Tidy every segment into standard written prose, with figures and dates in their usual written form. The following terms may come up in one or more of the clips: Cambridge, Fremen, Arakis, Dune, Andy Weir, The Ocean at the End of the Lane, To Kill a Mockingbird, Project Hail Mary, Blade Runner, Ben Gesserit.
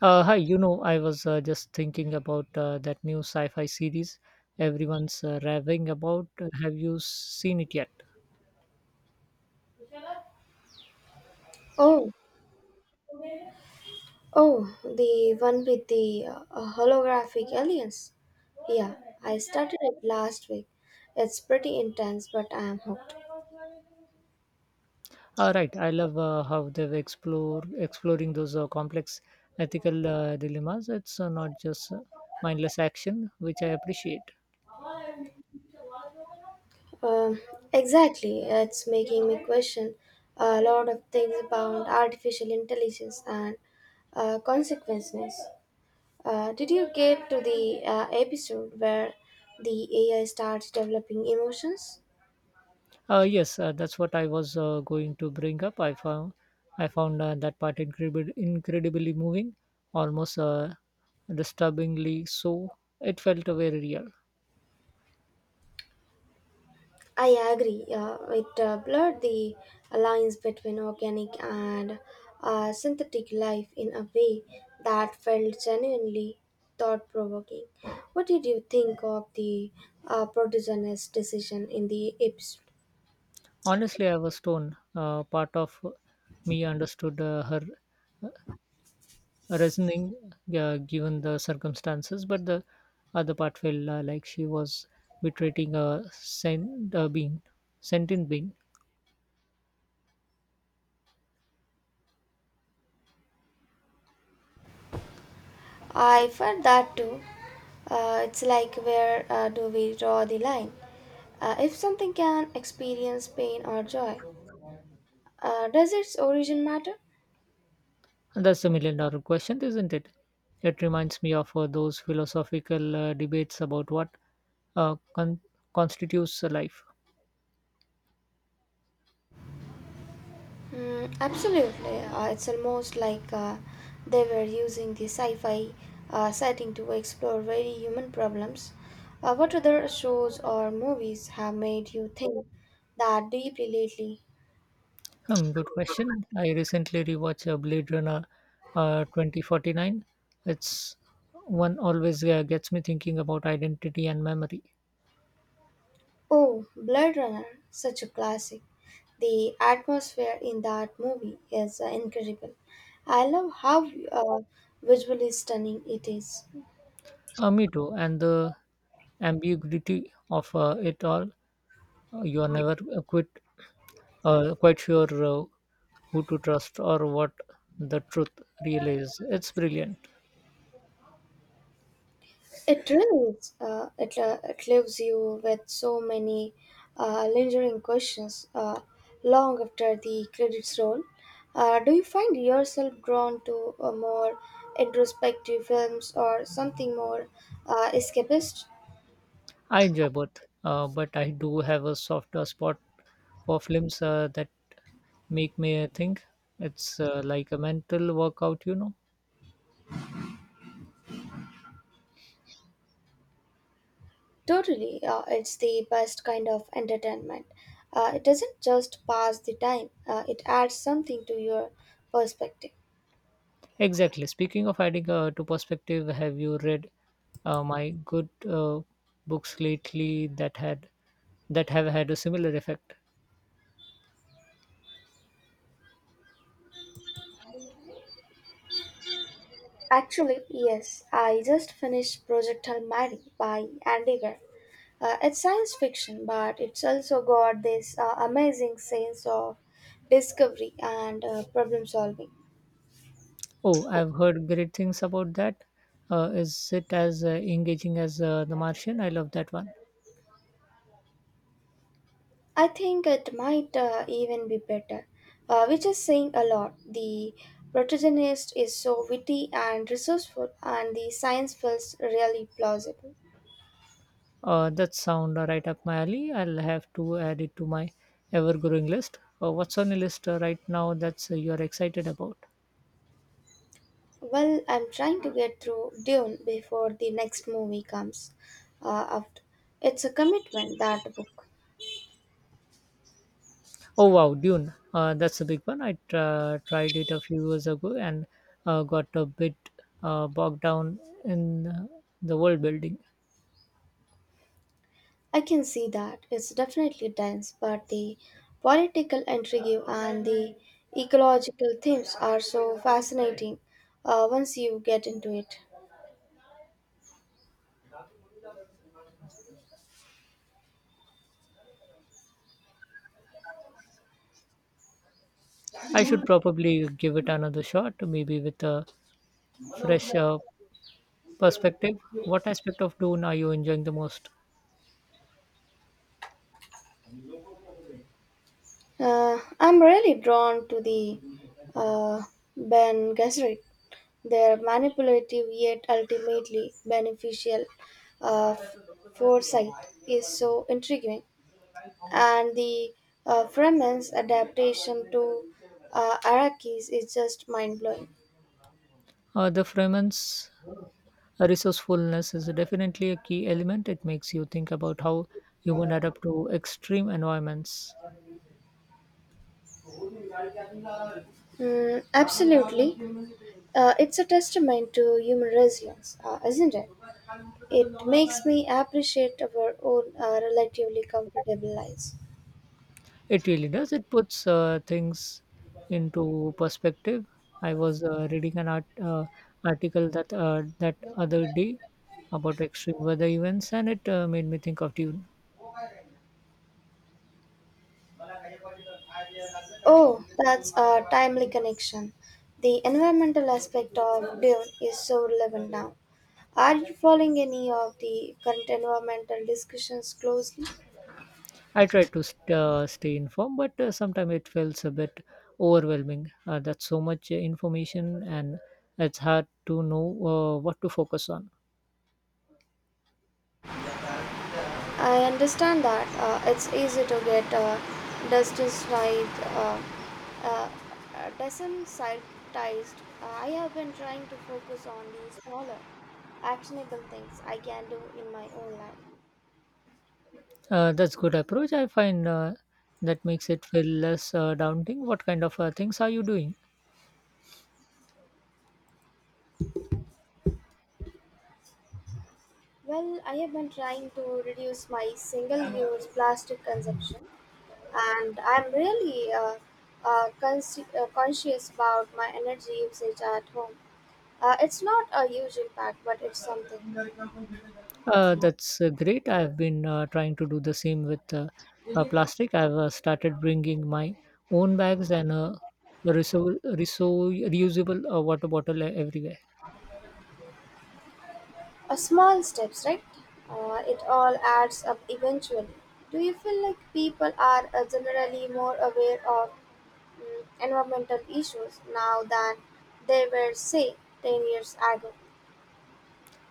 Hi, you know, I was just thinking about that new sci-fi series everyone's raving about. Have you seen it yet? Oh, oh, the one with the holographic aliens. Yeah, I started it last week. It's pretty intense, but I am hooked. All right, I love how they've explore exploring those complex ethical dilemmas. It's not just mindless action, which I appreciate. Um, exactly, it's making me question a lot of things about artificial intelligence and consequences. Did you get to the episode where the AI starts developing emotions? Yes, that's what I was going to bring up. I found that part incredibly moving, almost disturbingly so. It felt very real. I agree. It blurred the lines between organic and synthetic life in a way that felt genuinely thought provoking. What did you think of the protagonist's decision in the episode? Honestly, I was torn. Part of me understood her uh, reasoning given the circumstances, but the other part felt like she was betraying a sentient being. I felt that too. It's like where do we draw the line? If something can experience pain or joy, does its origin matter? And that's a million dollar question, isn't it? It reminds me of those philosophical debates about what uh, con- constitutes a life. Mm, absolutely. It's almost like they were using the sci fi setting to explore very human problems. What other shows or movies have made you think that deeply lately? Good question. I recently rewatched Blade Runner 2049. It's one always gets me thinking about identity and memory. Oh, Blade Runner, such a classic. The atmosphere in that movie is incredible. I love how visually stunning it is. Me too. And the ambiguity of it all. You are never quite sure who to trust or what the truth really is. It's brilliant. It really is. It leaves you with so many lingering questions long after the credits roll. Do you find yourself drawn to a more introspective films or something more escapist? I enjoy both, but I do have a softer spot for films that make me think. It's like a mental workout, you know. Totally, it's the best kind of entertainment. It doesn't just pass the time, it adds something to your perspective. Exactly. Speaking of adding to perspective, have you read my good books lately that have had a similar effect? Actually, yes, I just finished Project Hail Mary by Andy Weir. It's science fiction, but it's also got this amazing sense of discovery and problem solving. Oh, I've heard great things about that. Is it as engaging as The Martian? I love that one. I think it might even be better, which is saying a lot. The protagonist is so witty and resourceful, and the science feels really plausible. That sound right up my alley. I'll have to add it to my ever-growing list. What's on your list right now that's you're excited about? Well, I'm trying to get through Dune before the next movie comes out. It's a commitment, that book. Oh wow, Dune. That's a big one. I tried it a few years ago and got a bit bogged down in the world building. I can see that. It's definitely dense, but the political intrigue and the ecological themes are so fascinating once you get into it. I should probably give it another shot, maybe with a fresh perspective. What aspect of Dune are you enjoying the most? I'm really drawn to the uh, Ben Gesserit. Their manipulative yet ultimately beneficial uh, foresight is so intriguing. And the Fremen's adaptation to Arakis is just mind blowing. The Fremen's Resourcefulness is definitely a key element. It makes you think about how humans adapt to extreme environments. Mm, absolutely. It's a testament to human resilience, isn't it? It makes me appreciate our own relatively comfortable lives. It really does. It puts things into perspective. I was reading an article that other day about extreme weather events, and it made me think of Dune. Oh, that's a timely connection. The environmental aspect of Dune is so relevant now. Are you following any of the current environmental discussions closely? I tried to stay informed, but sometimes it feels a bit overwhelming. That's so much information, and it's hard to know what to focus on. I understand that it's easy to get desensitized. Uh, Desensitized. I have been trying to focus on these smaller, actionable things I can do in my own life. That's good approach. I find that makes it feel less daunting. What kind of things are you doing? Well, I have been trying to reduce my single-use plastic consumption, and I'm really conscious about my energy usage at home. It's not a huge impact, but it's something. That's great. I've been trying to do the same with plastic. I've started bringing my own bags and a reusable water bottle everywhere. A small steps, right? It all adds up eventually. Do you feel like people are generally more aware of environmental issues now than they were, say, 10 years ago?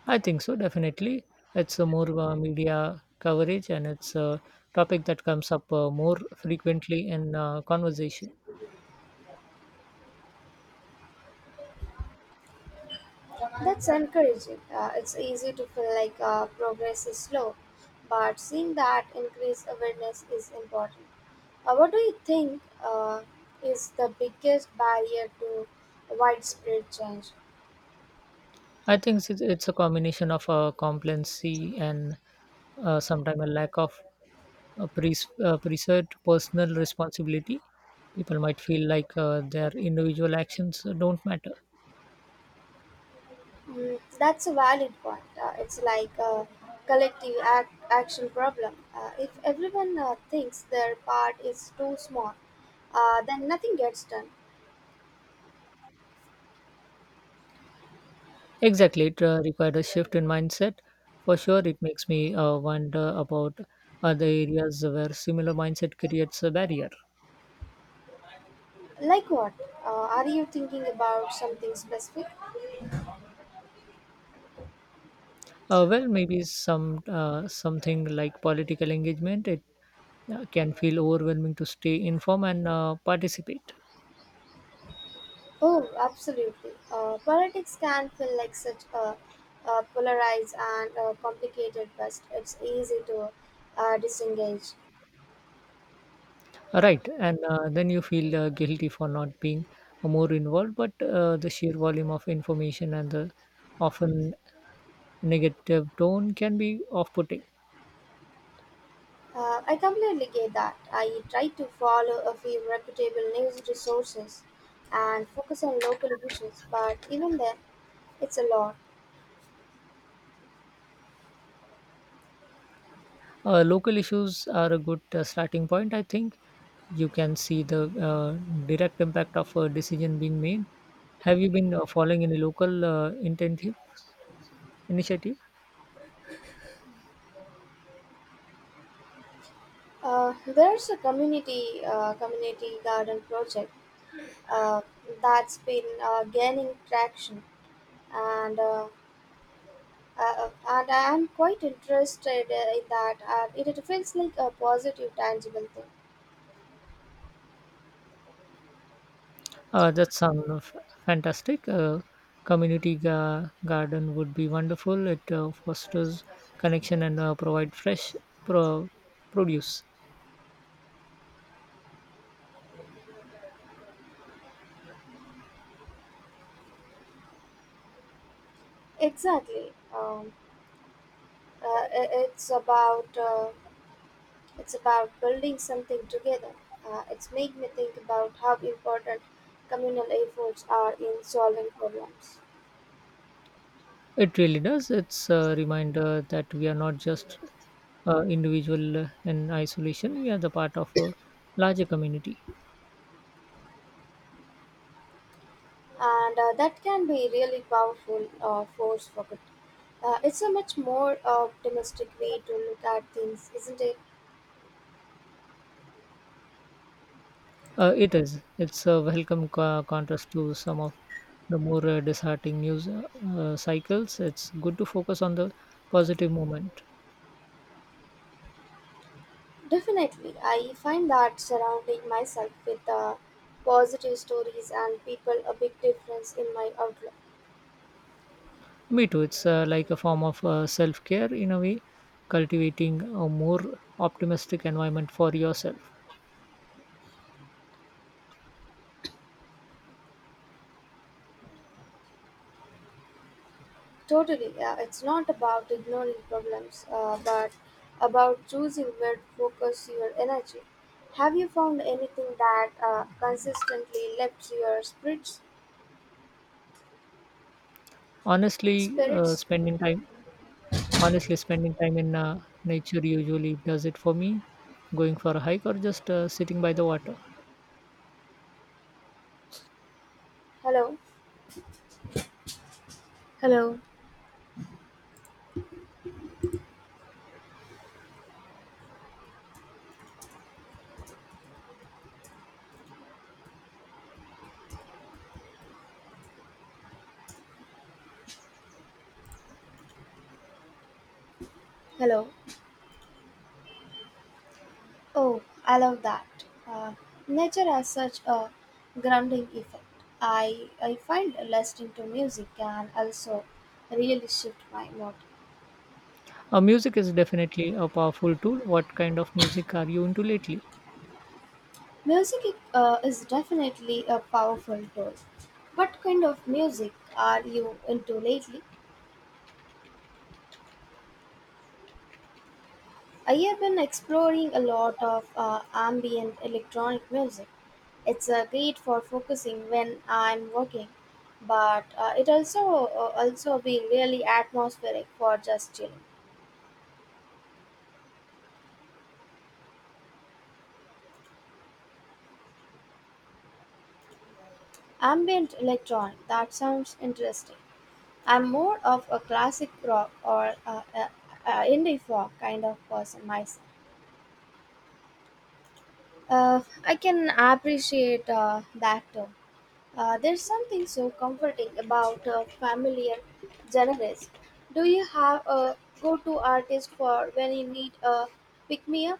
I think so, definitely. It's more media coverage and it's a topic that comes up more frequently in conversation. That's encouraging. It's easy to feel like progress is slow, but seeing that increased awareness is important. What do you think is the biggest barrier to widespread change? It's a combination of complacency and sometimes a lack of a preserved personal responsibility. People might feel like their individual actions don't matter. Mm, that's a valid point. It's like a collective ac action problem. If everyone thinks their part is too small, then nothing gets done. Exactly, it required a shift in mindset. For sure, it makes me wonder about other areas where similar mindset creates a barrier. Like what? Are you thinking about something specific? Well, maybe something like political engagement. It can feel overwhelming to stay informed and participate. Oh, absolutely. Politics can feel like a polarized and complicated beast. It's easy to disengage. Right, and then you feel guilty for not being more involved, but the sheer volume of information and the often negative tone can be off putting. I completely get that. I try to follow a few reputable news resources and focus on local issues, but even then, it's a lot. Local issues are a good starting point, I think. You can see the direct impact of a decision being made. Have you been following any local intentive initiative? There's a community garden project uh, that's been gaining traction, and uh, and I'm quite interested in that. It feels like a positive, tangible thing. That sounds fantastic. Community garden would be wonderful. It fosters connection and provide fresh pro- produce. Exactly. Uh, it's about It's about building something together. It's made me think about how important communal efforts are in solving problems. It really does. It's a reminder that we are not just individual in isolation. We are the part of a larger community. And that can be really powerful force for good. It's a much more optimistic way to look at things, isn't it? It is. It's a welcome contrast to some of the more disheartening news cycles. It's good to focus on the positive moment. Definitely. I find that surrounding myself with positive stories and people a big difference in my outlook. Me too. It's like a form of self care in a way, cultivating a more optimistic environment for yourself. Totally, yeah, it's not about ignoring problems, but about choosing where to focus your energy. Have you found anything that consistently lifts your spirits? Honestly, uh, Spirits? spending time Honestly, spending time in nature usually does it for me. Going for a hike or just sitting by the water. Hello, hello, hello. Oh, I love that. Uh, Nature has such a grounding effect. I find listening to music can also really shift my mood. Music is definitely a powerful tool. What kind of music are you into lately? Music is definitely a powerful tool. What kind of music are you into lately? I have been exploring a lot of ambient electronic music. It's great for focusing when I'm working, but it also also be really atmospheric for just chilling. Ambient electronic that sounds interesting. I'm more of a classic rock or indie folk kind of person myself. I can appreciate that term. There's something so comforting about familiar genres. Do you have a go-to artist for when you need a pick-me-up?